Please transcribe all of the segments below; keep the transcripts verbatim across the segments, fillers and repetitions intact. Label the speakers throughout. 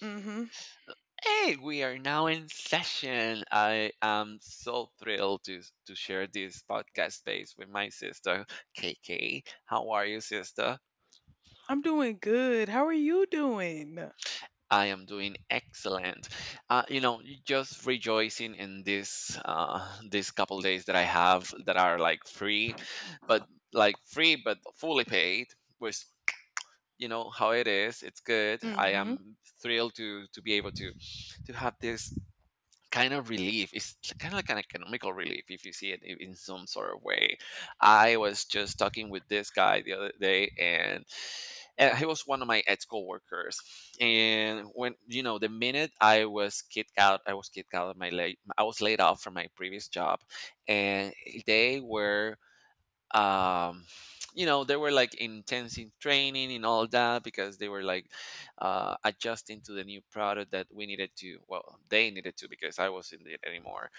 Speaker 1: Mm-hmm.
Speaker 2: Hey, we are now in session. I am so thrilled to to share this podcast space with my sister, K K. How are you, sister?
Speaker 1: I'm doing good. How are you doing?
Speaker 2: I am doing excellent. Uh, you know, just rejoicing in this uh, these couple days that I have that are like free, but like free but fully paid. Which you know how it is. It's good. I
Speaker 1: Mm-hmm.
Speaker 2: am thrilled to to be able to to have this kind of relief. It's kind of like an economical relief if you see it i- in some sort of way. I was just talking with this guy the other day, and uh, he was one of my ex coworkers. And when you know, the minute I was kicked out, I was kicked out of my late. I was laid off from my previous job, and they were um you know they were like intensive training and all that because they were like uh adjusting to the new product that we needed to, well, they needed to, because I wasn't it anymore,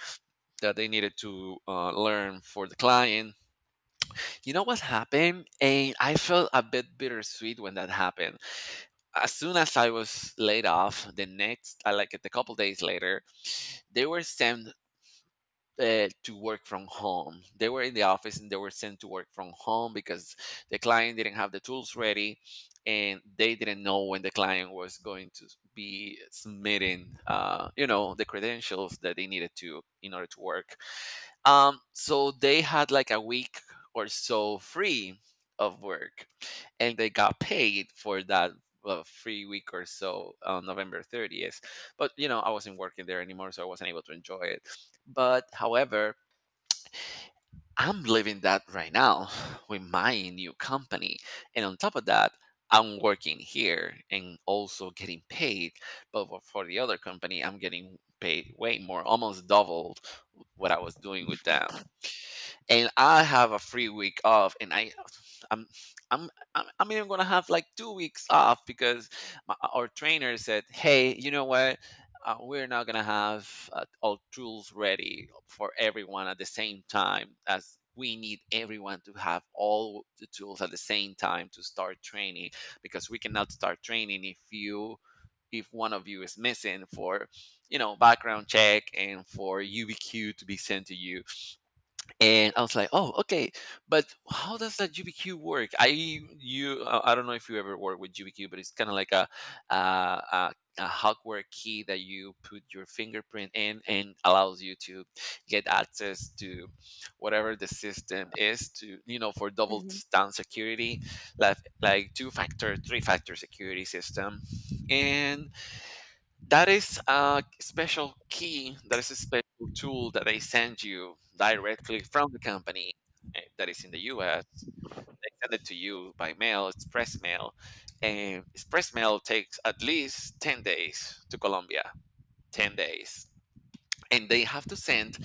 Speaker 2: that they needed to uh, learn for the client, you know what happened. And I felt a bit bittersweet when that happened. As soon as I was laid off, the next uh, like the couple days later, they were sent uh, to work from home. They were in the office and they were sent to work from home because the client didn't have the tools ready, and they didn't know when the client was going to be submitting uh, you know the credentials that they needed to in order to work. Um, so they had like a week or so free of work, and they got paid for that uh, free week or so on November thirtieth. But you know, I wasn't working there anymore, so I wasn't able to enjoy it. But however, I'm living that right now with my new company, and on top of that. I'm working here and also getting paid, but for for the other company, I'm getting paid way more, almost double what I was doing with them, and I have a free week off, and I, I'm, I'm, I'm, I'm even gonna have like two weeks off because my, our trainer said, "Hey, you know what? Uh, we're not gonna have uh, all tools ready for everyone at the same time as." We need everyone to have all the tools at the same time to start training, because we cannot start training if you if one of you is missing for you know background check and for U B Q to be sent to you. And I was like, "Oh, okay, but how does that G B Q work?" I you uh, I don't know if you ever work with G B Q, but it's kind of like a, a a a hardware key that you put your fingerprint in and allows you to get access to whatever the system is, to you know, for double
Speaker 1: Mm-hmm.
Speaker 2: down security, like like two factor, three factor security system. And that is a special key, that is a special tool that they send you directly from the company, eh, that is in the US. They send it to you by mail. It's press mail, and express mail takes at least ten days to Colombia. ten days. And they have to send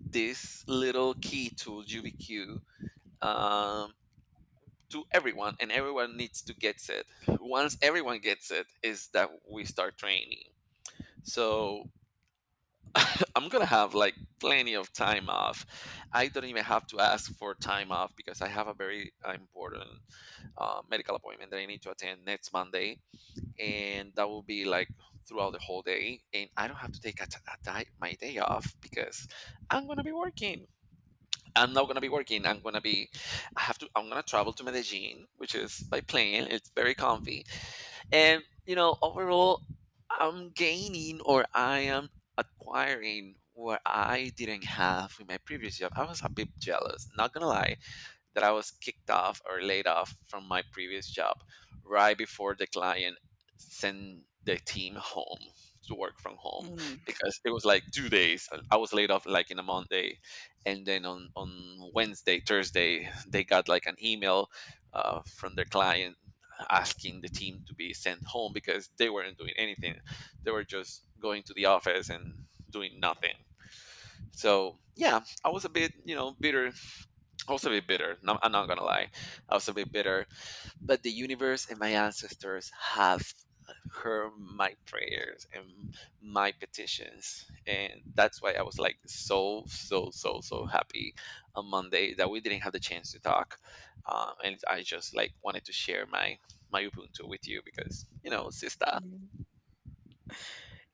Speaker 2: this little key to UBQ, um, to everyone, and everyone needs to get it. Once everyone gets it is that we start training. So I'm gonna have like plenty of time off. I don't even have to ask for time off because I have a very uh, important uh, medical appointment that I need to attend next Monday, and that will be like throughout the whole day. And I don't have to take a t- a di- my day off because I'm gonna be working. I'm not gonna be working. I'm gonna be. I have to. I'm gonna travel to Medellin, which is by plane. It's very comfy. And you know, overall, I'm gaining, or I am acquiring what I didn't have in my previous job. I was a bit jealous, not gonna lie, that I was kicked off or laid off from my previous job right before the client sent the team home to work from home, because it was like two days. I was laid off like in a Monday, and then on on Wednesday, Thursday, they got like an email uh, from their client asking the team to be sent home because they weren't doing anything. They were just going to the office and doing nothing. So yeah, I was a bit, you know, bitter, also a bit bitter. No, I'm not gonna lie, also a bit bitter. But the universe and my ancestors have heard my prayers and my petitions, and that's why I was like so so so so happy on Monday that we didn't have the chance to talk. Um, and I just like wanted to share my my Ubuntu with you because you know, sister.
Speaker 1: Mm-hmm.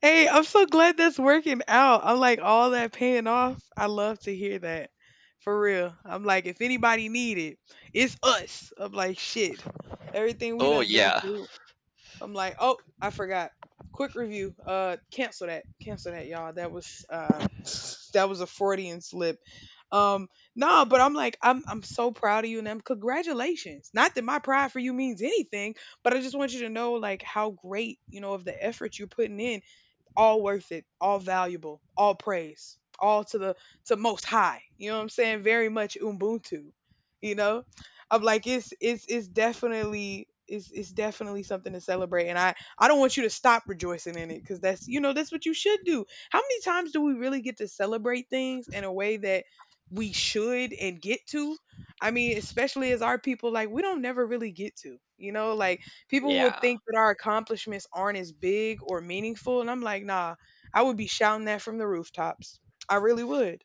Speaker 1: Hey, I'm so glad that's working out. I like all that paying off. I love to hear that. For real. I'm like, if anybody need it, it's us. I'm like, shit. Everything we
Speaker 2: Oh
Speaker 1: done been
Speaker 2: yeah,
Speaker 1: through. I'm like, oh, I forgot. Quick review. Uh, cancel that. Cancel that, y'all. That was uh, that was a Freudian slip. Um, no, but I'm like, I'm I'm so proud of you, and I'm congratulations. Not that my pride for you means anything, but I just want you to know like how great you know of the effort you're putting in, all worth it, all valuable, all praise, all to the to most high. You know what I'm saying? Very much Ubuntu. You know, I'm like it's it's it's definitely it's it's definitely something to celebrate, and I I don't want you to stop rejoicing in it because that's you know that's what you should do. How many times do we really get to celebrate things in a way that we should and get to? I mean, especially as our people, like we don't never really get to. You know, like people will
Speaker 2: yeah.
Speaker 1: think that our accomplishments aren't as big or meaningful, and I'm like, nah, I would be shouting that from the rooftops. I really would.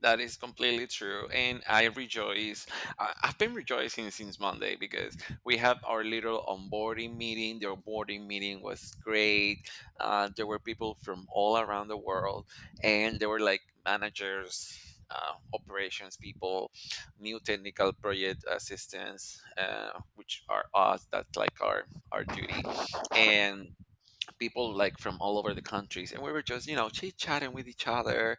Speaker 2: That is completely true. And I rejoice. I- I've been rejoicing since Monday because we had our little onboarding meeting. The onboarding meeting was great. Uh, there were people from all around the world, and there were like managers, uh, operations people, new technical project assistants, uh, which are us. That's like our, our duty. And people like from all over the countries. And we were just, you know, chit chatting with each other.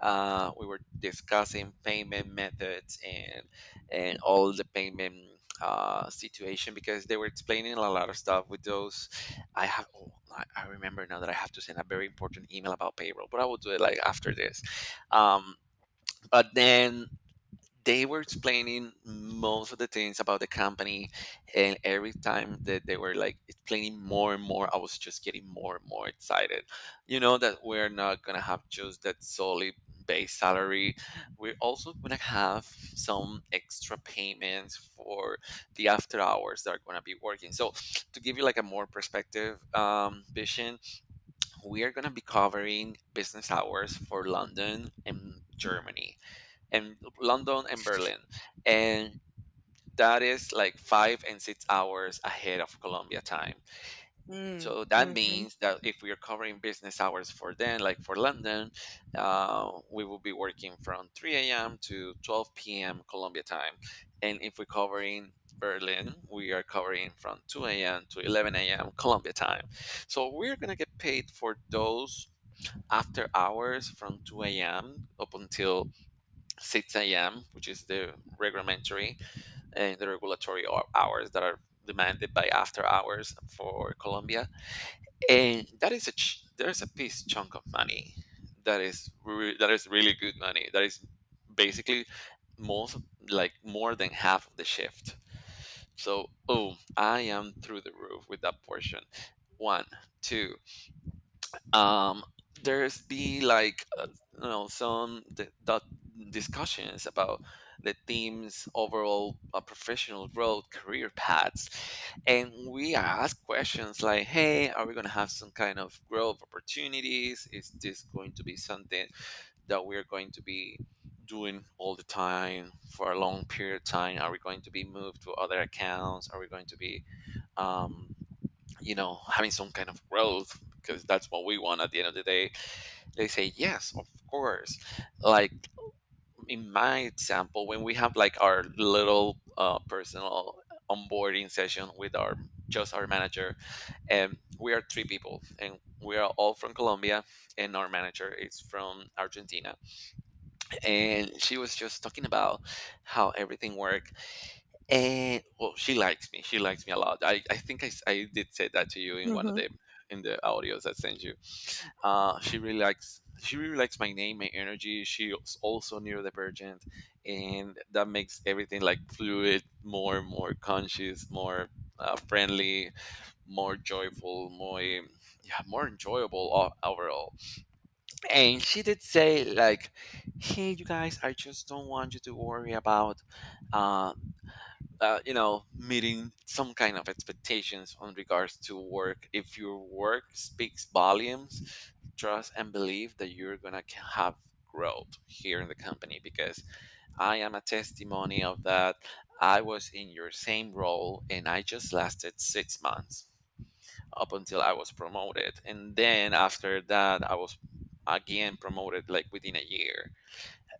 Speaker 2: Uh, we were discussing payment methods and and all the payment uh, situation because they were explaining a lot of stuff with those. I have, oh, I I remember now that I have to send a very important email about payroll, but I will do it like after this. Um, but then they were explaining most of the things about the company, and every time that they were like explaining more and more, I was just getting more and more excited. You know that we're not gonna have just that solid base salary, we're also gonna have some extra payments for the after hours that are gonna be working. So to give you like a more perspective um, vision, we are gonna be covering business hours for london and germany and London and Berlin. And that is like five and six hours ahead of Colombia time.
Speaker 1: Mm,
Speaker 2: So that
Speaker 1: mhm,
Speaker 2: means that if we are covering business hours for them, like for London, uh, we will be working from three a m to twelve p m. Colombia time. And if we're covering Berlin, we are covering from two a m to eleven a m. Colombia time. So we're going to get paid for those after hours from two a m up until six a m, which is the regulatory and the regulatory hou- hours that are demanded by after hours for Colombia. And that is a ch- there's a piece chunk of money that is re- that is really good money. That is basically most like more than half of the shift. So oh, I am through the roof with that portion. One, two, um, there's be like uh, you know some d- dot discussions about the team's overall uh, professional road career paths. And we ask questions like, hey, are we going to have some kind of growth opportunities, is this going to be something that we're going to be doing all the time for a long period of time, are we going to be moved to other accounts, are we going to be um, you know having some kind of growth, because that's what we want at the end of the day. They say, yes, of course. Like in my example, when we have like our little uh, personal onboarding session with our just our manager, and we are three people, and we are all from Colombia, and our manager is from Argentina. And she was just talking about how everything worked. And well, she likes me. She likes me a lot. I, I think I, s- I did say that to you in one of
Speaker 1: mhm.
Speaker 2: the in the audios I sent you. Uh, she really likes, she really likes my name, my energy. She's also neurodivergent, and that makes everything like fluid, more more conscious, more uh, friendly, more joyful, more, yeah, more enjoyable o- overall. And she did say like, "Hey, you guys, I just don't want you to worry about." uh, uh, you know Meeting some kind of expectations on regards to work, if your work speaks volumes, trust and believe that you're gonna ca- have growth here in the company because I am a testimony of that. I was in your same role and I just lasted six months up until I was promoted, and then after that I was again promoted like within a year.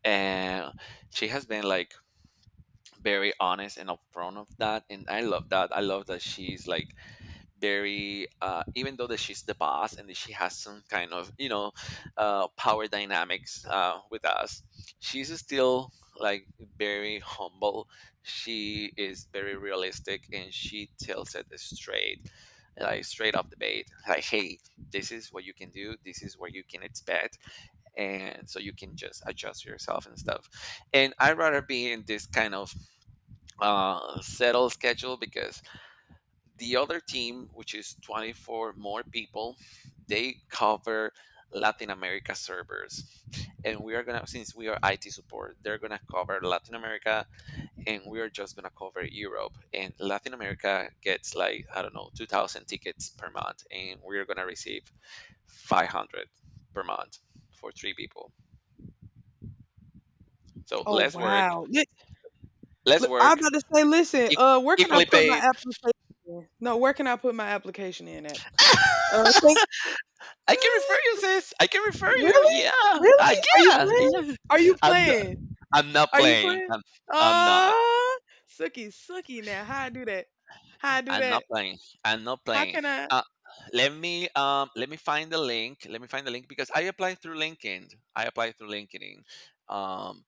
Speaker 2: And she has been like very honest and upfront of that, and I love that. I love that she's like very uh even though that she's the boss and that she has some kind of, you know, uh power dynamics uh with us, she's still like very humble. She is very realistic and she tells it straight, like straight off the bat, like, hey, this is what you can do, this is what you can expect, and so you can just adjust yourself and stuff. And I'd rather be in this kind of uh, settled schedule because the other team, which is twenty-four more people, they cover Latin America servers. And we are going to, since we are I T support, they're going to cover Latin America and we are just going to cover Europe. And Latin America gets like, I don't know, two thousand tickets per month. And we're going to receive five hundred per month for three people. So
Speaker 1: Oh,
Speaker 2: less work,
Speaker 1: wow! Li-
Speaker 2: less
Speaker 1: li- I'm
Speaker 2: work,
Speaker 1: about to say, listen,
Speaker 2: e-
Speaker 1: uh, where can I
Speaker 2: equally
Speaker 1: put my
Speaker 2: paid.
Speaker 1: application in? No, where can I put my application in at? Uh, thank-
Speaker 2: I can refer you, sis. I can refer you.
Speaker 1: really,
Speaker 2: Yeah, uh,
Speaker 1: really? Are you
Speaker 2: yeah,
Speaker 1: playing?
Speaker 2: yeah.
Speaker 1: Are you
Speaker 2: I'm not,
Speaker 1: playing?
Speaker 2: I'm not
Speaker 1: Are you
Speaker 2: playing.
Speaker 1: playing?
Speaker 2: I'm, I'm
Speaker 1: Ah,
Speaker 2: not.
Speaker 1: uh, Suki, suki. Now, how I do that? How I do
Speaker 2: I'm
Speaker 1: that?
Speaker 2: not playing. I'm not
Speaker 1: How
Speaker 2: playing.
Speaker 1: can I?
Speaker 2: Uh, Let me um let me find the link. Let me find the link because I applied through LinkedIn. I applied through LinkedIn. Um.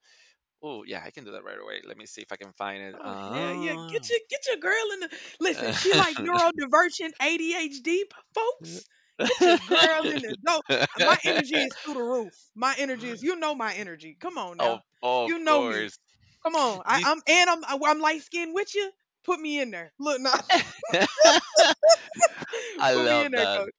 Speaker 2: Oh yeah, I can do that right away. Let me see if I can find it.
Speaker 1: Oh hell yeah! Get
Speaker 2: Oh.
Speaker 1: your get your girl in the listen. She like neurodivergent A D H D folks. Get your girl in the dope. My energy is through the roof. My energy is you know my energy. Come on
Speaker 2: of
Speaker 1: now,
Speaker 2: of
Speaker 1: you know me.
Speaker 2: course.
Speaker 1: Come on, I,
Speaker 2: This
Speaker 1: I'm and I'm I, I'm light skinned with you. Put me in there. Look now,
Speaker 2: I
Speaker 1: put me in
Speaker 2: love
Speaker 1: there,
Speaker 2: that.
Speaker 1: coach.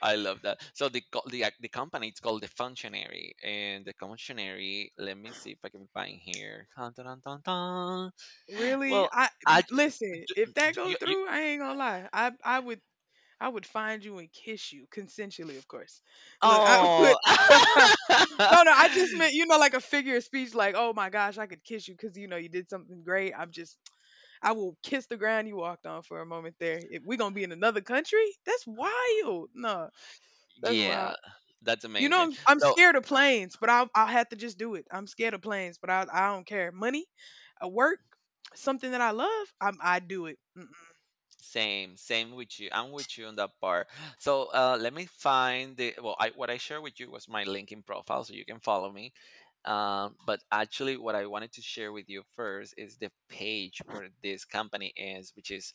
Speaker 2: I love that. So the co- the ac- the company, it's called the Functionary, and the Functionary. Let me see if I can find here. Dun, dun, dun, dun, dun.
Speaker 1: Really,
Speaker 2: Well,
Speaker 1: I m-
Speaker 2: I j-
Speaker 1: listen. If
Speaker 2: d-
Speaker 1: that
Speaker 2: d-
Speaker 1: go
Speaker 2: you, you,
Speaker 1: through, I ain't gonna lie. I I would I would find you and kiss you consensually, of course. Look, I would.
Speaker 2: oh.
Speaker 1: No, no, I just meant, you know, like a figure of speech, like, oh my gosh, I could kiss you because, you know, you did something great. I'm just, I will kiss the ground you walked on for a moment there. If we're going to be in another country, that's wild. No, that's
Speaker 2: Yeah,
Speaker 1: wild.
Speaker 2: that's
Speaker 1: You know,
Speaker 2: amazing.
Speaker 1: I'm, I'm
Speaker 2: So
Speaker 1: scared of planes, but I'll, I'll have to just do it. I'm scared of planes, but I, I don't care. Money, uh, work, something that I love, I'm, I do it. Mm-mm.
Speaker 2: Same, same with you. I'm with you on that part. So uh, let me find the well. I, what I shared with you was my LinkedIn profile, so you can follow me. Um, but actually, what I wanted to share with you first is the page where this company is, which is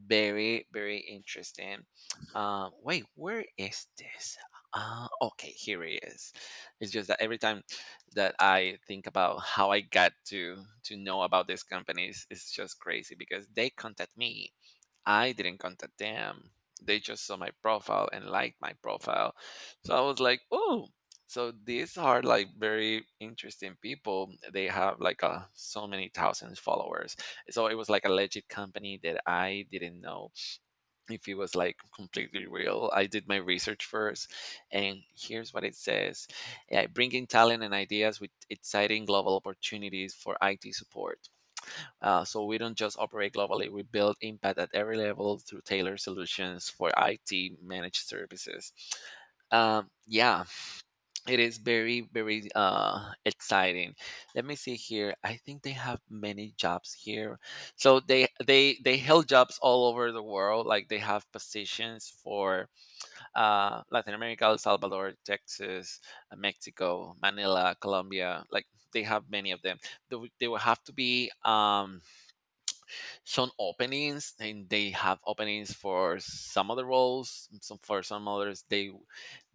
Speaker 2: very, very interesting. Uh, wait, where is this? Uh, okay, here it is. It's just that every time that I think about how I got to to know about these companies, it's just crazy because they contact me. I didn't contact them. They just saw my profile and liked my profile. So I was like, oh, so these are like very interesting people. They have like a, so many thousands followers. So it was like a legit company that I didn't know if it was like completely real. I did my research first, and here's what it says: yeah, bringing talent and ideas with exciting global opportunities for I T support. Uh, so we don't just operate globally, we build impact at every level through tailored solutions for I T managed services. Um, yeah, it is very, very uh, exciting. Let me see here. I think they have many jobs here. So they they they held jobs all over the world. Like they have positions for uh, Latin America, El Salvador, Texas, uh, Mexico, Manila, Colombia. Like they have many of them. They, would- they will have to be um, some openings, and they have openings for some other roles. Some for some others they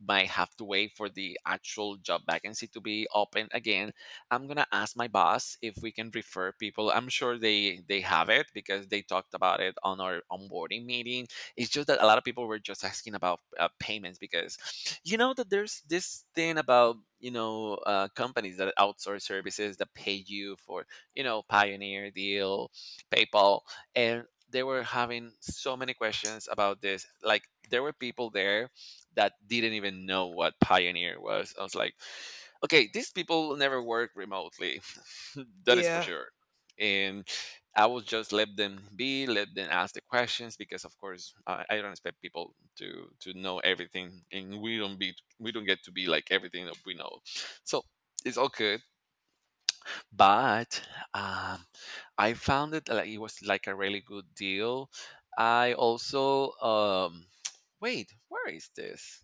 Speaker 2: might have to wait for the actual job vacancy to be open again. I'm gonna ask my boss if we can refer people. I'm sure they they have it because they talked about it on our onboarding meeting. It's just that a lot of people were just asking about uh, payments because, you know, that there's this thing about, you know, uh, companies that outsource services that pay you for, you know, pioneer deal, PayPal, and they were having so many questions about this. Like there were people there that didn't even know what Pioneer was. I was like, okay, these people never work remotely. That is for
Speaker 1: Yeah.
Speaker 2: sure. And I will just let them be, let them ask the questions because, of course, I I don't expect people to to know everything, and we don't be, we don't get to be like everything that we know. So it's all good, but um, I found it like it was like a really good deal. I also um, wait, where is this?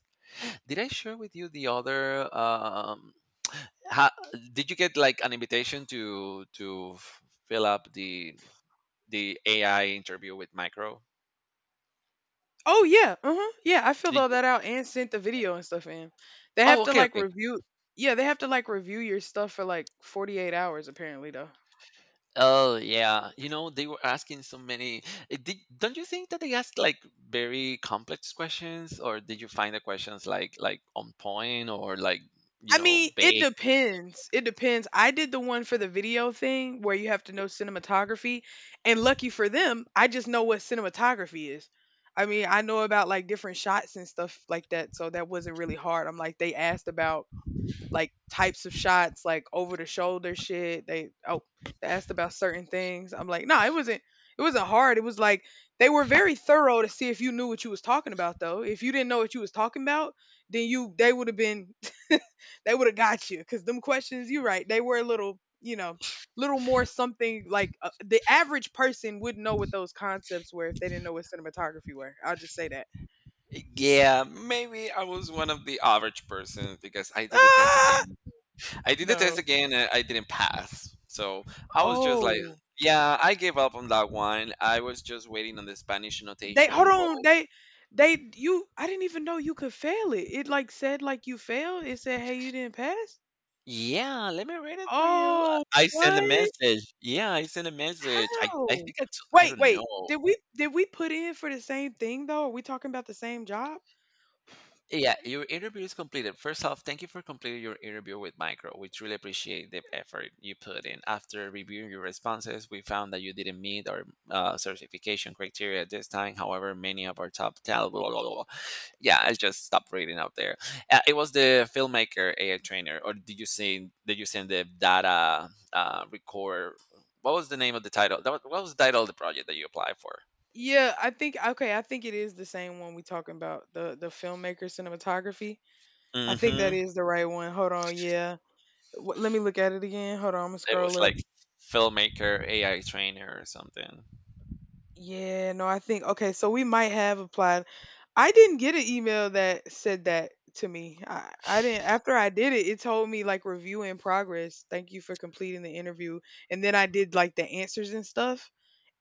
Speaker 2: Did I share with you the other? Um, ha, did you get like an invitation to to f- fill up the the A I interview with Micro?
Speaker 1: Oh yeah, uh-huh. Yeah, I filled
Speaker 2: Did
Speaker 1: all
Speaker 2: you,
Speaker 1: that out and sent the video and stuff in. They have
Speaker 2: oh,
Speaker 1: to
Speaker 2: okay,
Speaker 1: like
Speaker 2: okay.
Speaker 1: review. Yeah, they have to like review your stuff for like forty-eight hours apparently though.
Speaker 2: Oh yeah, you know they were asking so many. eh, Did, don't you think that they asked like very complex questions, or did you find the questions like like on point or like, you
Speaker 1: I
Speaker 2: know,
Speaker 1: mean, it
Speaker 2: vague?
Speaker 1: depends. It depends. I did the one for the video thing where you have to know cinematography, and lucky for them, I just know what cinematography is. I mean, I know about like different shots and stuff like that, so that wasn't really hard. I'm like they asked about like types of shots, like over the shoulder shit. They oh they asked about certain things. I'm like, nah, it wasn't it wasn't hard. It was like they were very thorough to see if you knew what you was talking about though. If you didn't know what you was talking about, then you they would have been they would have got you because them questions you are right they were a little you know little more something like, uh, the average person would know what those concepts were if they didn't know what cinematography were, I'll just say that.
Speaker 2: Yeah, maybe I was one of the average persons because I did the test
Speaker 1: Ah!
Speaker 2: again. I did the test
Speaker 1: No.
Speaker 2: again and I didn't pass. So I was just like,
Speaker 1: Oh,
Speaker 2: yeah, I gave up on that one. I was just waiting on the Spanish
Speaker 1: they hold
Speaker 2: annotation
Speaker 1: on.
Speaker 2: roll.
Speaker 1: They they you. I didn't even know you could fail it. It like said like you failed. It said hey you didn't pass.
Speaker 2: Yeah, let me read it for you.
Speaker 1: Oh,
Speaker 2: I send a
Speaker 1: what?
Speaker 2: message. Yeah, I send a message. I, I
Speaker 1: How?
Speaker 2: think I, t- I
Speaker 1: Wait,
Speaker 2: don't know.
Speaker 1: wait. Did we did we put in for the same thing though? Are we talking about the same job?
Speaker 2: Yeah, your interview is completed. First off, thank you for completing your interview with Micro. We truly appreciate the effort you put in. After reviewing your responses, we found that you didn't meet our uh, certification criteria at this time. However, many of our top talent, blah, blah, blah, blah. Yeah, I just stopped reading out there. Uh, it was the filmmaker A I trainer, or did you send did you send the data uh, record? What was the name of the title? That was, what was the title of the project that you applied for?
Speaker 1: Yeah, I think okay, I think it is the same one we talking about the the filmmaker cinematography. I think that
Speaker 2: Mm-hmm.
Speaker 1: is the right one. Hold on, yeah. W- let me look at it again. Hold on, I'm gonna
Speaker 2: It was
Speaker 1: scroll up.
Speaker 2: like filmmaker A I trainer or something.
Speaker 1: Yeah, no, I think okay, so we might have applied. I didn't get an email that said that to me. I, I didn't after I did it, it told me like review in progress. Thank you for completing the interview. And then I did like the answers and stuff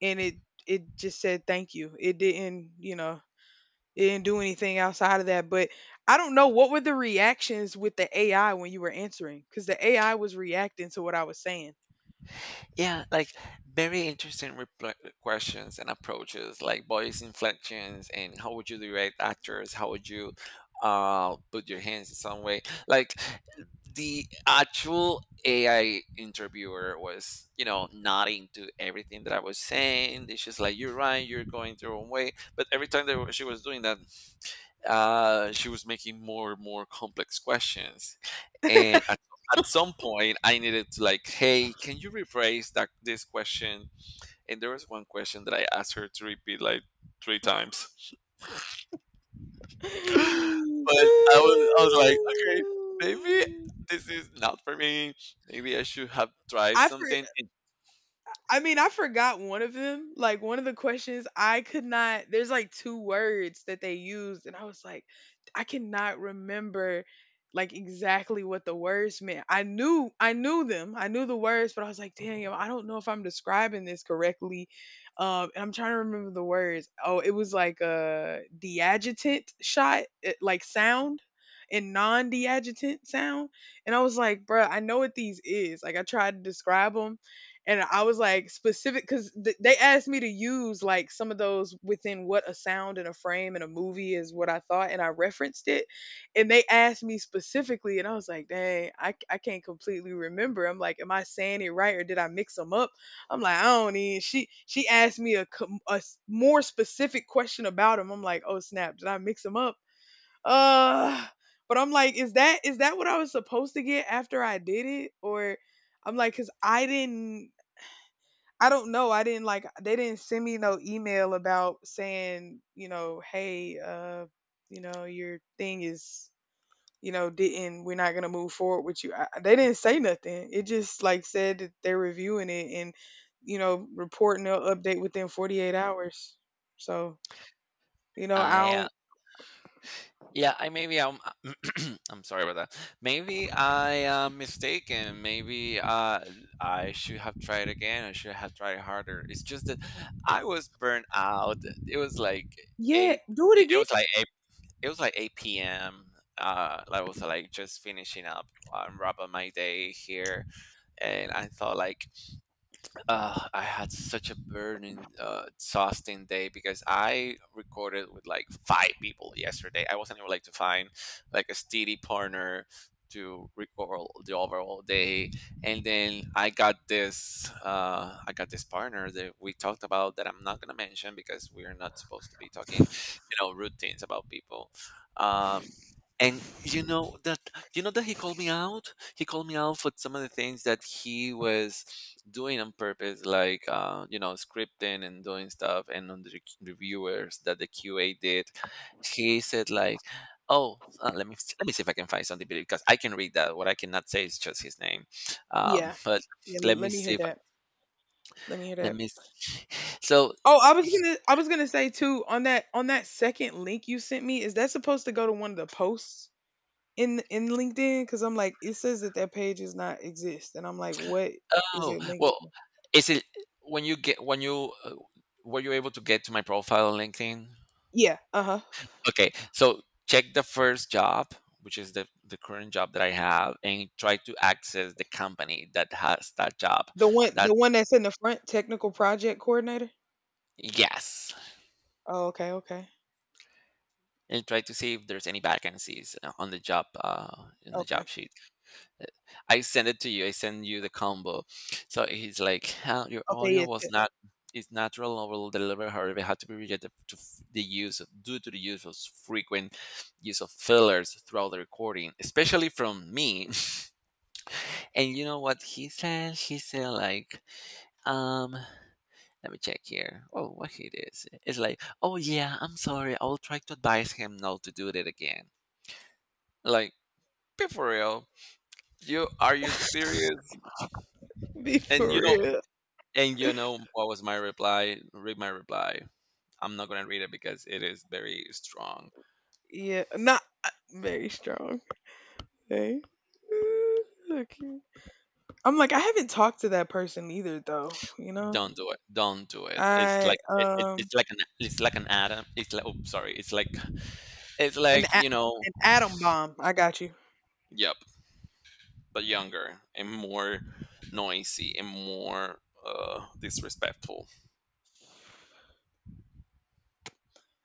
Speaker 1: and it it just said thank you. It didn't, you know, it didn't do anything outside of that, but I don't know what were the reactions with the A I when you were answering cuz the A I was reacting to what I was saying.
Speaker 2: Yeah, like very interesting repl- uh, questions and approaches, like voice inflections and how would you direct actors? How would you uh, put your hands in some way? Like the actual A I interviewer was, you know, not into everything that I was saying. It's just like, you're right, you're going the wrong way. But every time that she was doing that, uh, she was making more and more complex questions, and at, at some point, I needed to like, hey, can you rephrase that this question? And there was one question that I asked her to repeat like three times, but I was I was like, okay, maybe this is not for me. Maybe I should have tried
Speaker 1: I for
Speaker 2: something. And
Speaker 1: I mean, I forgot one of them. Like one of the questions I could not, there's like two words that they used and I was like, I cannot remember like exactly what the words meant. I knew I knew them. I knew the words, but I was like, damn, I don't know if I'm describing this correctly. Um and I'm trying to remember the words. Oh, it was like a deadjutant shot, it, like sound and non-deadjutant sound. And I was like, bruh, I know what these is. Like I tried to describe them and I was like specific because th- they asked me to use like some of those within what a sound and a frame and a movie is what I thought, and I referenced it, and they asked me specifically, and I was like, dang, I, I can't completely remember. I'm like, am I saying it right or did I mix them up? I'm like, I don't even. She she asked me a, com- a s- more specific question about him. I'm like, oh snap, did I mix them up? Uh, but I'm like, is that is that what I was supposed to get after I did it or? I'm like, cause I didn't I don't know. I didn't like they didn't send me no email about saying, you know, hey, uh, you know, your thing is, you know, didn't we're not gonna move forward with you. I, they didn't say nothing. It just like said that they're reviewing it and, you know, reporting they'll update within forty eight hours. So, you know, I don't.
Speaker 2: I Yeah, I maybe I'm I'm sorry about that. Maybe I am mistaken. Maybe uh, I should have tried again. I should have tried harder. It's just that I was burnt out. It was like
Speaker 1: Yeah,
Speaker 2: eight.
Speaker 1: do it
Speaker 2: It
Speaker 1: again.
Speaker 2: was like eight. It was like eight p m. Uh, I was like just finishing up and wrapping my day here, and I thought like uh, I had such a burning, uh, exhausting day because I recorded with like five people yesterday. I wasn't able like to find like a steady partner to record the overall day, and then I got this, uh, I got this partner that we talked about that I'm not gonna mention because we are not supposed to be talking, you know, rude things about people. Um, and you know that you know that he called me out. He called me out for some of the things that he was doing on purpose, like, uh, you know, scripting and doing stuff, and on the rec- reviewers that the Q A did. He said like, "Oh, uh, let me s- let me see if I can find something because I can read that. What I cannot say is just his name, um,
Speaker 1: Yeah,
Speaker 2: but
Speaker 1: yeah. l-
Speaker 2: let me
Speaker 1: Let me hear
Speaker 2: see if
Speaker 1: that. Let me hear
Speaker 2: let
Speaker 1: that.
Speaker 2: me." s- So,
Speaker 1: Oh, I was
Speaker 2: he-
Speaker 1: gonna, I was gonna say too on that on that second link you sent me. Is that supposed to go to one of the posts? In in LinkedIn because I'm like it says that that page is not exist, and I'm like, what is
Speaker 2: oh
Speaker 1: it linked
Speaker 2: well,
Speaker 1: to?
Speaker 2: is it when you get when you uh, were you able to get to my profile on LinkedIn?
Speaker 1: Yeah, uh huh.
Speaker 2: Okay, so check the first job, which is the, the current job that I have, and try to access the company that has that job.
Speaker 1: The one
Speaker 2: That
Speaker 1: the one that's in the front, technical project coordinator.
Speaker 2: yes,
Speaker 1: Oh, okay, okay,
Speaker 2: and try to see if there's any vacancies uh, on the job uh, in the
Speaker 1: okay,
Speaker 2: job sheet. Uh, I send it to you. I send you the combo. So he's like, "Huh, your
Speaker 1: okay.
Speaker 2: audio
Speaker 1: Yeah,
Speaker 2: was
Speaker 1: te-
Speaker 2: not. Is natural or will deliver, however, had to be rejected to f- the use of, due to the use of frequent use of fillers throughout the recording, especially from me. And you know what he said? He said like, um, let me check here. Oh, what he did? Is- It's like, oh yeah, I'm sorry. I'll try to advise him not to do that again. Like, be for real. You are you serious?
Speaker 1: be
Speaker 2: And you
Speaker 1: for
Speaker 2: know,
Speaker 1: real.
Speaker 2: and you know what was my reply? Read my reply. I'm not gonna read it because it is very strong.
Speaker 1: Yeah, not uh, very strong. Okay. Uh, okay. I'm like, I haven't talked to that person either, though. You know,
Speaker 2: Don't do it. Don't do it. It's
Speaker 1: I
Speaker 2: like it, it-
Speaker 1: um
Speaker 2: it's like an it's like an atom. It's like oh sorry. It's like it's
Speaker 1: an
Speaker 2: like
Speaker 1: a-
Speaker 2: you know.
Speaker 1: an atom bomb. I got you.
Speaker 2: Yep. But younger and more noisy and more uh, disrespectful.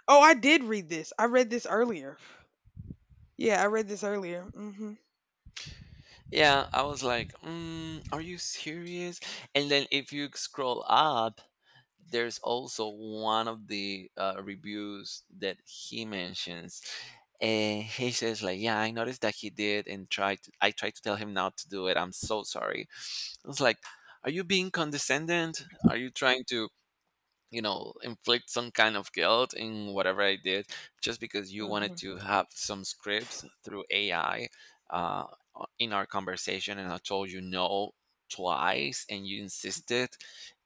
Speaker 1: Oh, I did read this. I read this earlier. Yeah, I read this earlier. Mhm.
Speaker 2: Yeah, I was like, mm, are you serious? And then if you scroll up, there's also one of the uh, reviews that he mentions. And he says like, yeah, I noticed that he did and tried to, I tried to tell him not to do it. I'm so sorry. I was like, are you being condescending? Are you trying to you know inflict some kind of guilt in whatever I did just because you wanted
Speaker 1: Mhm.
Speaker 2: to have some scripts through AI, uh, o- in our conversation, and I told you no twice and you insisted,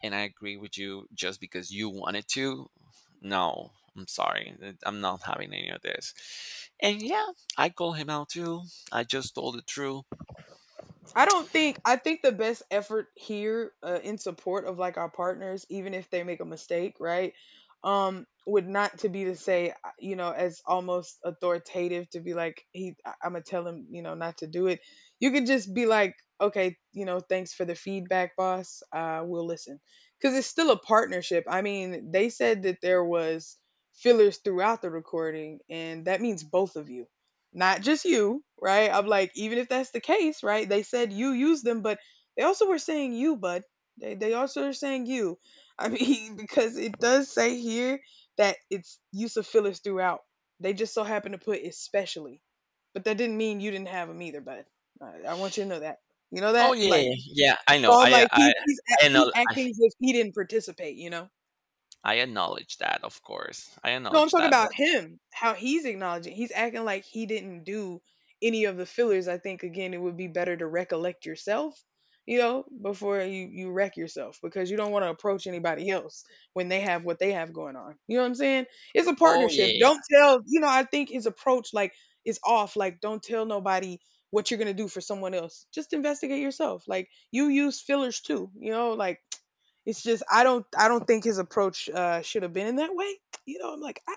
Speaker 2: and I agree with you just because you wanted to. No, I'm sorry, th- I'm not having any of this. And yeah, I called him out too. I just told the truth.
Speaker 1: I don't think I think the best effort here, uh, in support of like our partners even if they make a mistake, right? Um would not to be to say, uh, you know, as almost authoritative to be like he I- I'm going to tell him, you know, not to do it. You could just be like, okay, you know, thanks for the feedback, boss. Uh we'll listen. Cuz it's still a partnership. I mean, they said that there was fillers throughout the recording and that means both of you, not just you, right? I'm like, even if that's the case, right? They said you use them, but they also were saying you, bud. They they also are saying you. I mean, because it does say here that it's use of fillers throughout. They just so happen to put especially, but that didn't mean you didn't have them either, bud. I, I want you to know that. You know
Speaker 2: Oh,
Speaker 1: that,
Speaker 2: yeah,
Speaker 1: like,
Speaker 2: yeah, yeah, I know,
Speaker 1: so I'm
Speaker 2: i
Speaker 1: like,
Speaker 2: i
Speaker 1: he's he's
Speaker 2: I,
Speaker 1: act- he's
Speaker 2: know, I
Speaker 1: acting as if he didn't participate. You know.
Speaker 2: I acknowledge that, of course. I
Speaker 1: No, I'm
Speaker 2: acknowledge
Speaker 1: talking
Speaker 2: that.
Speaker 1: about him, how he's acknowledging. He's acting like he didn't do any of the fillers. I think again it would be better to recollect yourself, you know, before you you wreck yourself because you don't want to approach anybody else when they have what they have going on. You know what I'm saying? It's a
Speaker 2: Oh, yeah,
Speaker 1: partnership.
Speaker 2: yeah.
Speaker 1: Don't tell, you know, I think his approach like is off. Like don't tell nobody what you're going to do for someone else. Just investigate yourself. Like you use fillers too, you know, like it's just I don't I don't think his approach uh should have been in that way, you know. I'm like, I,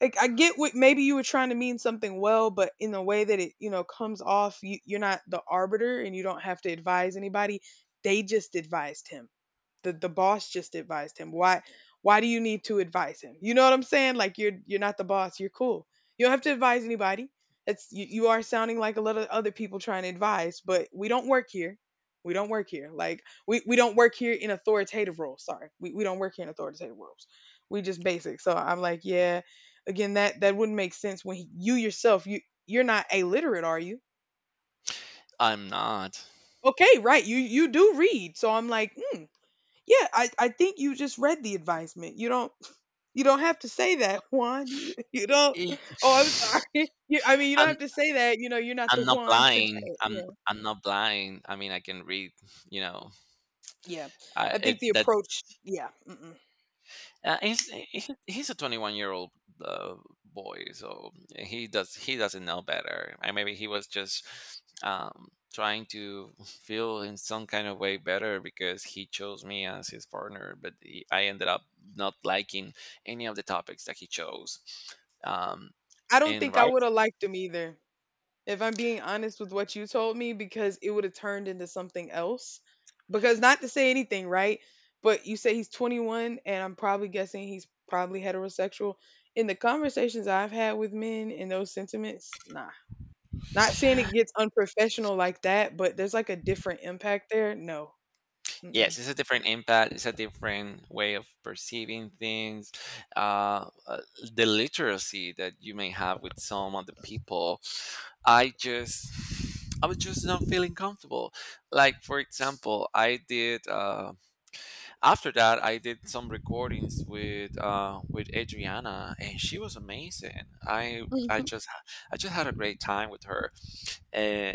Speaker 1: like, I get what maybe you were trying to mean something well, but in the way that it, you know, comes off, you, you're not the arbiter and you don't have to advise anybody. They just advised him. The the boss just advised him. Why why do you need to advise him? You know what I'm saying? Like you're you're not the boss. You're cool. You don't have to advise anybody. That's you, you are sounding like a lot of other people trying to advise, but we don't work here. We don't work here. Like we, we don't work here in authoritative roles. Sorry. We we don't work here in authoritative roles. We just basic. So I'm like, yeah, again that that wouldn't make sense when he- you yourself you you're not illiterate, are you?
Speaker 2: I'm not.
Speaker 1: Okay, right. You you do read. So I'm like, hmm, yeah, I, I think you just read the advisement. You don't you don't have to say that, Juan. You, you don't.
Speaker 2: I am.
Speaker 1: Oh, I'm sorry. You, I mean, you don't
Speaker 2: I'm
Speaker 1: have to say that. You know, you're not the
Speaker 2: I'm not
Speaker 1: one to.
Speaker 2: blind. I'm
Speaker 1: Yeah,
Speaker 2: I'm not blind. I mean, I can read. You know,
Speaker 1: yeah.
Speaker 2: I
Speaker 1: I think
Speaker 2: it
Speaker 1: the
Speaker 2: that
Speaker 1: approach. Yeah, mm-mm.
Speaker 2: uh, he's he's he's a twenty-one year old uh, boy. So he does, he doesn't know better. And maybe he was just um, trying to feel in some kind of way better because he chose me as his partner, but he, I ended up not liking any of the topics that he chose. Um,
Speaker 1: I don't
Speaker 2: in
Speaker 1: think I
Speaker 2: writing.
Speaker 1: would have liked him either. If I'm being honest with what you told me, because it would have turned into something else. Because not to say anything, right? But you say he's twenty-one, and I'm probably guessing he's probably heterosexual. In the conversations I've had with men in those sentiments, nah. Not saying it gets unprofessional like that, but there's, like, a different impact there. No. Mm-mm.
Speaker 2: Yes, it's a different impact. It's a different way of perceiving things. Uh, uh, the literacy that you may have with some of the people. I just, I was just not feeling comfortable. Like, for example, I did. Uh, after that, I did some recordings with uh, with Adriana, and she was amazing. I I
Speaker 1: Mhm.
Speaker 2: just I just had a great time with her, uh,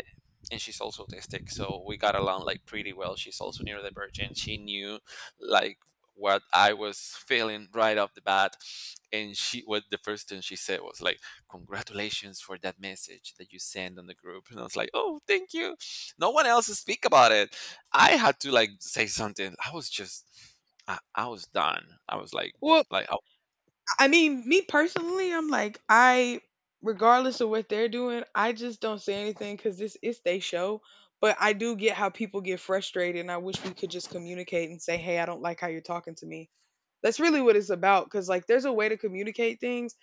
Speaker 2: and she's also autistic, so we got along like pretty well. She's also neurodivergent. She knew like what I was feeling right off the bat, and she what the first thing she said was like, "Congratulations for that message that you sent on the group," and I was like, "Oh, thank you." No one else speak about it. I had to like say something. I was just, I, I was done. I was like,
Speaker 1: Well,
Speaker 2: like, oh,
Speaker 1: I mean, me personally, I'm like, I regardless of what they're doing, I just don't say anything because this is they show, but I do get how people get frustrated, and I wish we could just communicate and say, "Hey, I don't like how you're talking to me." That's really what it's about because, like, there's a way to communicate things,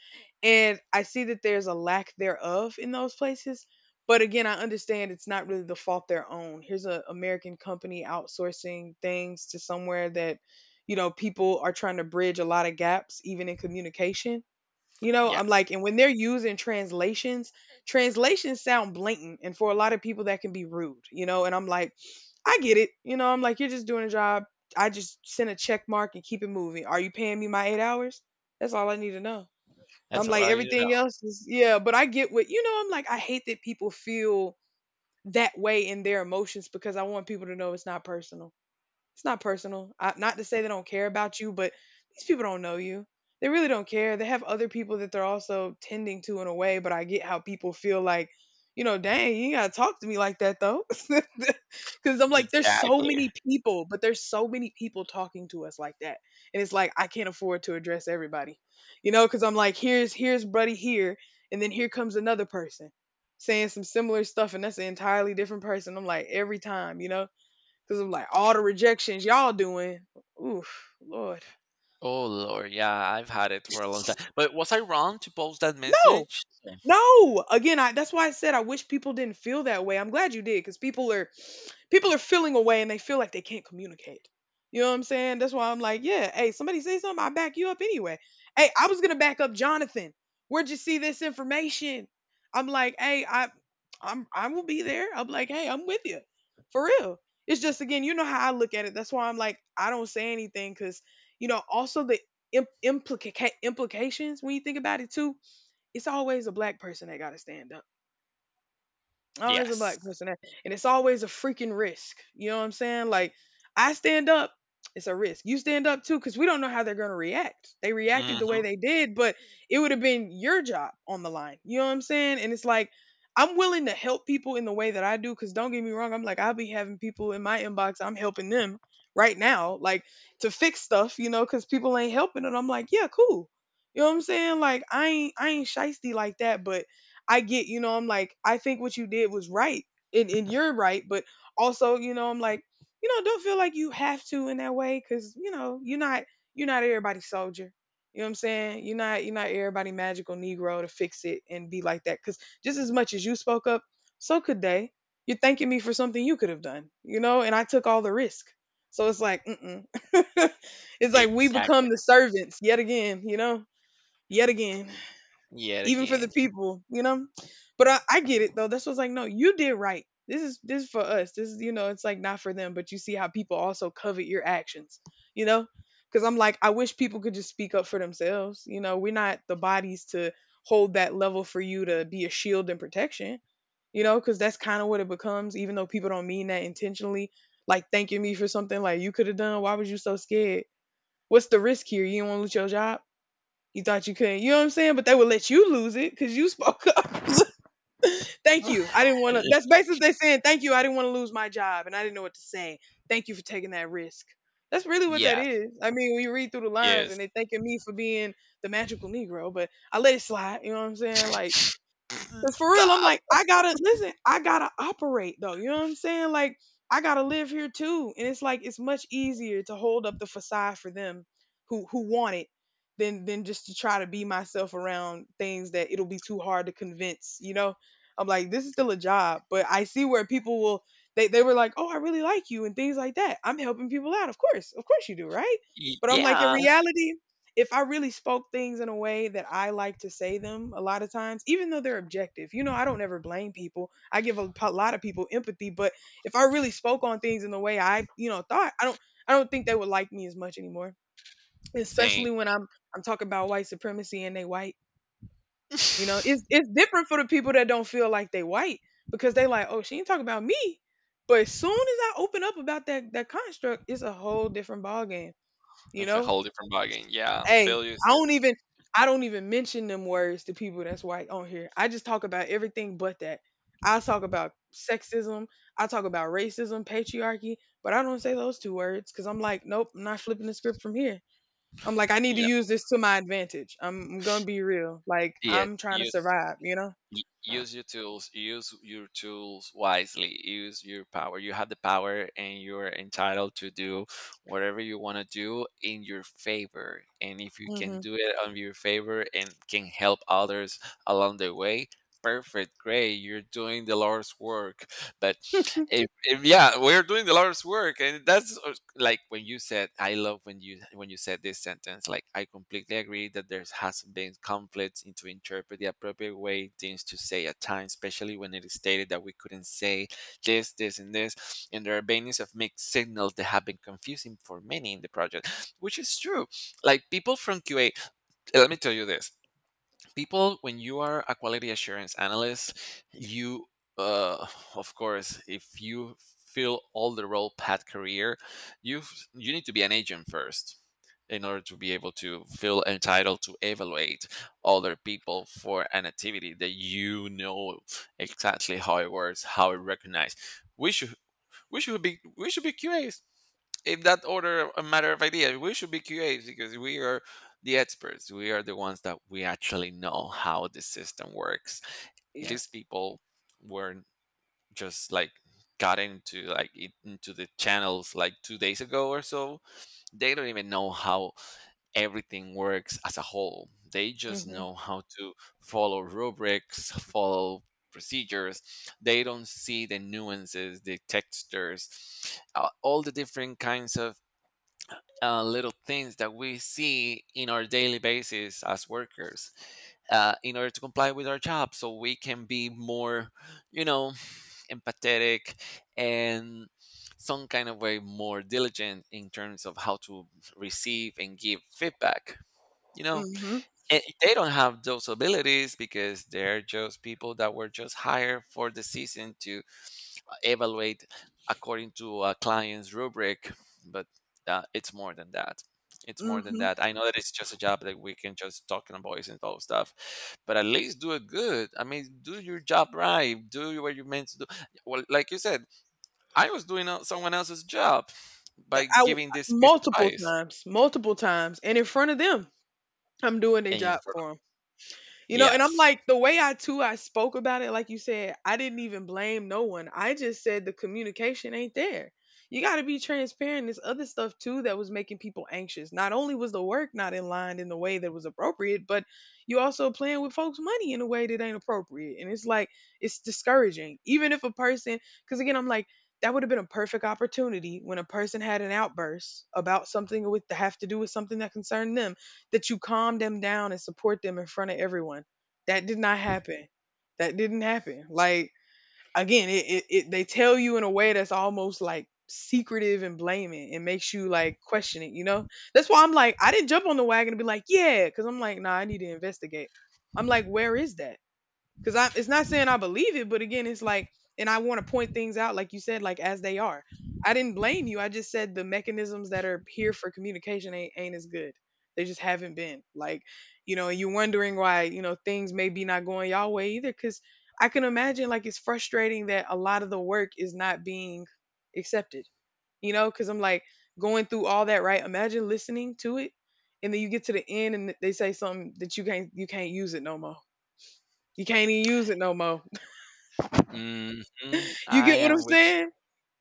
Speaker 1: and I see that there's a lack thereof in those places. But again, I understand it's not really the fault their own. Here's an American company outsourcing things to somewhere that, you know, people are trying to bridge a lot of gaps, even in communication. You know, I'm
Speaker 2: yes,
Speaker 1: like, and when they're using translations, translations sound blatant, and for a lot of people, that can be rude. You know, and I'm like, I get it. You know, I'm like, you're just doing a job. I just send a check mark and keep it moving. Are you paying me my eight hours? That's all I need to know. I'm
Speaker 2: that's all
Speaker 1: like,
Speaker 2: I need to know.
Speaker 1: everything else is yeah, but I get what you know. I'm like, I hate that people feel that way in their emotions because I want people to know it's not personal. It's not personal. I, not to say they don't care about you, but these people don't know you. They really don't care. They have other people that they're also tending to in a way, but I get how people feel like, you know, dang, you ain't gotta talk to me like that though. Cause I'm like, there's so
Speaker 2: Exactly.
Speaker 1: many people, but there's so many people talking to us like that. And it's like I can't afford to address everybody. You know, because I'm like, here's here's buddy here, and then here comes another person saying some similar stuff, and that's an entirely different person. I'm like, every time, you know? Because of like all the rejections y'all doing. Oof, Lord.
Speaker 2: Oh Lord, yeah, I've had it for a long time. But was I wrong to post that
Speaker 1: No,
Speaker 2: message?
Speaker 1: no. Again, I that's why I said I wish people didn't feel that way. I'm glad you did because people are people are feeling away and they feel like they can't communicate. You know what I'm saying? That's why I'm like, yeah, hey, somebody say something, I back you up anyway. Hey, I was gonna back up Jonathan. Where'd you see this information? I'm like, hey, I I'm I will be there. I'm like, hey, I'm with you. For real. It's just again, you know how I look at it. That's why I'm like, I don't say anything because, you know, also the imp- implica- implications when you think about it too, it's always a black person that gotta stand up. Always a
Speaker 2: Yes.
Speaker 1: black person, that- and it's always a freaking risk. You know what I'm saying? Like I stand up, it's a risk. You stand up too, because we don't know how they're gonna react. They reacted the
Speaker 2: Hmm.
Speaker 1: way they did, but it would have been your job on the line. You know what I'm saying? And it's like I'm willing to help people in the way that I do, because don't get me wrong, I'm like I'll be having people in my inbox. I'm helping them right now, like to fix stuff, you know, because people ain't helping, and I'm like, yeah, cool. You know what I'm saying? Like I ain't I ain't shisty like that, but I get, you know, I'm like, I think what you did was right. And, and you're right. But also, you know, I'm like, you know, don't feel like you have to in that way because, you know, you're not you're not everybody's soldier. You know what I'm saying? You're not, you're not everybody magical Negro to fix it and be like that. Because just as much as you spoke up, so could they. You're thanking me for something you could have done, you know, and I took all the risk. So it's like, mm-mm. It's like we
Speaker 2: Exactly.
Speaker 1: become the servants yet again, you know, yet again
Speaker 2: Yet
Speaker 1: even for the
Speaker 2: again.
Speaker 1: people, you know. But I, I get it though. That's what's like, no, you did right. This is this is for us. This is you know, it's like not for them. But you see how people also covet your actions, you know. Because I'm like, I wish people could just speak up for themselves. You know, we're not the bodies to hold that level for you to be a shield and protection. You know, because that's kind of what it becomes. Even though people don't mean that intentionally, like thanking me for something like you could have done. Why was you so scared? What's the risk here? You don't want to lose your job, you thought you couldn't, you know what I'm saying? But they would let you lose it because you spoke up. Thank you. I didn't want to. That's basically they saying thank you. I didn't want to lose my job, and I didn't know what to say. Thank you for taking that risk. That's really what that
Speaker 2: Yes.
Speaker 1: is. I mean, when you read through the lines, and they
Speaker 2: Yes.
Speaker 1: thanking me for being the magical Negro, but I let it slide. You know what I'm saying? Like cause for real, I'm
Speaker 2: Stop.
Speaker 1: like, I gotta listen, I gotta operate though. You know what I'm saying? Like, I gotta live here too. And it's like it's much easier to hold up the facade for them who who want it than than just to try to be myself around things that it'll be too hard to convince, you know? I'm like, this is still a job, but I see where people will they, they were like, oh, I really like you and things like that. I'm helping people out. Of course. Of course you do, right?
Speaker 2: Y-
Speaker 1: But I'm like in
Speaker 2: yeah.
Speaker 1: reality, if I really spoke things in a way that I like to say them a lot of times, even though they're objective, you know, I don't ever blame people. I give a, p- lot of people empathy, but if I really spoke on things in the way I, you know, thought, I don't, I don't think they would like me as much anymore.
Speaker 2: Same.
Speaker 1: Especially when I'm, I'm talking about white supremacy and they white. You know,
Speaker 2: It's
Speaker 1: it's it's different for the people that don't feel like they white because they like, oh, she ain't talking about me. But as soon as I open up about that that construct, it's a whole different ball game. You
Speaker 2: a
Speaker 1: know,
Speaker 2: whole different ballgame. Yeah.
Speaker 1: hey,
Speaker 2: Fail
Speaker 1: I don't
Speaker 2: uses.
Speaker 1: even I don't even mention them words to people that's white on here. I just talk about everything but that. I talk about sexism, I talk about racism, patriarchy, but I don't say those two words cuz I'm like, nope, I'm not flipping the script from here. I'm like I need to
Speaker 2: Yeah.
Speaker 1: use this to my advantage. I'm, I'm going to be real. Like
Speaker 2: Yes.
Speaker 1: I'm trying to
Speaker 2: Use.
Speaker 1: survive, you know?
Speaker 2: Y- use your tools, use your tools wisely, use your power. You have the power, and you're entitled to do whatever you want to do in your favor. And if you can
Speaker 1: Mhm.
Speaker 2: do it on your favor and can help others along the way, perfect, great, you're doing the Lord's work. But if, if yeah, we're doing the Lord's work, and that's uh, like when you said, "I love when you when you said this sentence." Like I completely agree that there has been conflicts in to interpret the appropriate way things to say at times, especially when it is stated that we couldn't say this, this, and this, and there are bannings of mixed signals that have been confusing for many in the project, which is true. Like people from Q A, let me tell you this, people, when you are a quality assurance analyst, you uh, of course, if you fill all the role path career, you you need to be an agent first in order to be able to feel entitled to evaluate other people for an activity that you know exactly how it works, how it recognizes. we should we should be we should be Q As. If that order a matter of idea, we should be Q As because we are the experts. We are the ones that we actually know how the system works.
Speaker 1: Yeah.
Speaker 2: These people were just like got into like it- into the channels like two days ago or so. They don't even know how everything works as a whole. They just
Speaker 1: Mhm.
Speaker 2: know how to follow rubrics, follow procedures. They don't see the nuances, the textures, uh, all the different kinds of uh, little things that we see in our daily basis as workers uh, in order to comply with our job, so we can be more, you know, empathetic and some kind of way more diligent in terms of how to receive and give feedback, you know.
Speaker 1: Mhm.
Speaker 2: And they don't have those abilities because they're just people that were just hired for the season to evaluate according to a client's rubric. But uh, it's more than that. It's more than
Speaker 1: Mhm.
Speaker 2: that. I know that it's just a job that we can just talk and voice and all stuff, but at least do it good. I mean, do your job right, do what you're meant to do well. Like you said, I was doing uh, someone else's job
Speaker 1: Th-
Speaker 2: by
Speaker 1: I w-
Speaker 2: giving this piece of
Speaker 1: Multiple
Speaker 2: advice.
Speaker 1: times, multiple times and in front of them. I'm doing their
Speaker 2: Aim
Speaker 1: job
Speaker 2: for
Speaker 1: for them. You know, and I'm
Speaker 2: yes.
Speaker 1: like, the way I too I spoke about it, like you said, I didn't even blame no one. I just said the communication ain't there. You got to be transparent. There's other stuff too that was making people anxious. Not only was the work not in line in the way that was appropriate, but you also playing with folks' money in a way that ain't appropriate. And it's like it's discouraging. Even if a person, because again, I'm like. That would have been a perfect opportunity when a person had an outburst about something with to have to do with something that concerned them, that you calm them down and support them in front of everyone. That did not happen. That didn't happen. Like again, it, it, it they tell you in a way that's almost like secretive and blaming and makes you like question it, you know? That's why I'm like, I didn't jump on the wagon and be like, yeah, because I'm like, nah, I need to investigate. I'm like, where is that? Cause I, it's not saying I believe it, but again, it's like, and I want to point things out, like you said, like as they are. I didn't blame you. I just said the mechanisms that are here for communication ain't, ain't as good. They just haven't been. Like, you know, you're wondering why, you know, things maybe not going y'all way either. Cause I can imagine like it's frustrating that a lot of the work is not being accepted, you know, cause I'm like going through all that, right? Imagine listening to it. And then you get to the end and they say something that you can't, you can't use it no more, you can't even use it no more.
Speaker 2: Hmm.
Speaker 1: You
Speaker 2: I
Speaker 1: get what I'm
Speaker 2: am with
Speaker 1: saying?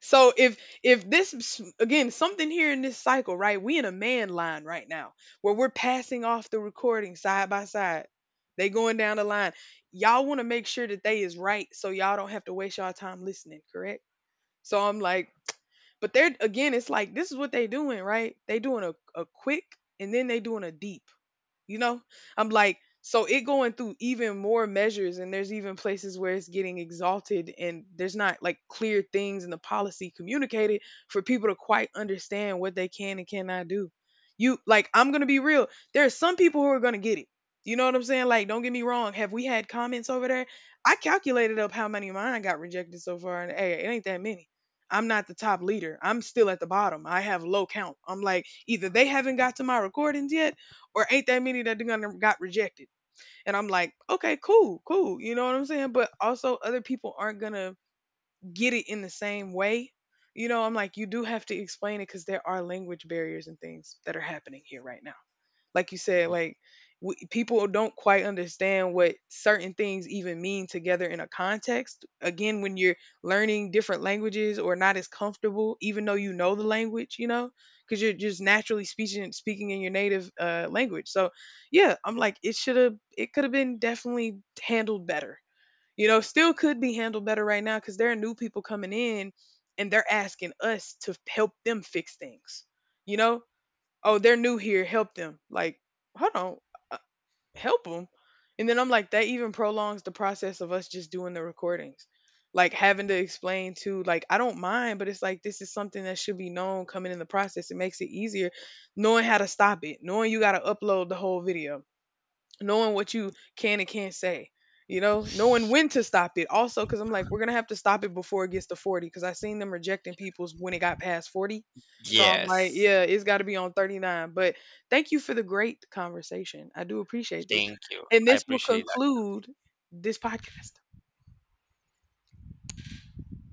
Speaker 1: So if if this s- again something here in this cycle, right? We in a man line right now where we're passing off the recording side by side. They going down the line. Y'all want to make sure that they is right so y'all don't have to waste y'all time listening, correct? So I'm like, but they're again, it's like this is what they doing, right? They doing a, a quick and then they doing a deep. You know? I'm like, so it going through even more measures and there's even places where it's getting exalted and there's not like clear things in the policy communicated for people to quite understand what they can and cannot do. You like I'm going to be real. There are some people who are going to get it. You know what I'm saying? Like don't get me wrong, have we had comments over there? I calculated up how many of mine got rejected so far and hey, it ain't that many. I'm not the top leader. I'm still at the bottom. I have low count. I'm like either they haven't got to my recordings yet or ain't that many that going got rejected. And I'm like, okay, cool, cool. You know what I'm saying? But also other people aren't gonna get it in the same way. You know, I'm like, you do have to explain it because there are language barriers and things that are happening here right now. Like you said,
Speaker 2: you. Mm,
Speaker 1: like w- people don't quite understand what certain things even mean together in a context. Again, when you're learning different languages or not as comfortable, even though you know the language, you know, because you're just naturally speaking speaking in your native uh, language. So, yeah, I'm like, it should have, it could have been definitely handled better. You know, still could be handled better right now because there are new people coming in and they're asking us to help them fix things. You know, oh, they're new here, help them. Like, hold on, uh, help them. And then I'm like, that even prolongs the process of us just doing the recordings. Like having to explain to, like, I don't mind, but it's like this is something that should be known coming in the process. It makes it easier knowing how to stop it, knowing you got to upload the whole video, knowing what you can and can't say, you know, knowing when to stop it also, because I'm like we're gonna have to stop it before it gets to forty because I seen them rejecting people's when it got past forty. So I'm like,
Speaker 2: yes.
Speaker 1: yeah, it's got to be on thirty-nine. But thank you for the great conversation, I do appreciate this,
Speaker 2: Thank you.
Speaker 1: and
Speaker 2: I
Speaker 1: this will
Speaker 2: appreciate
Speaker 1: conclude this podcast.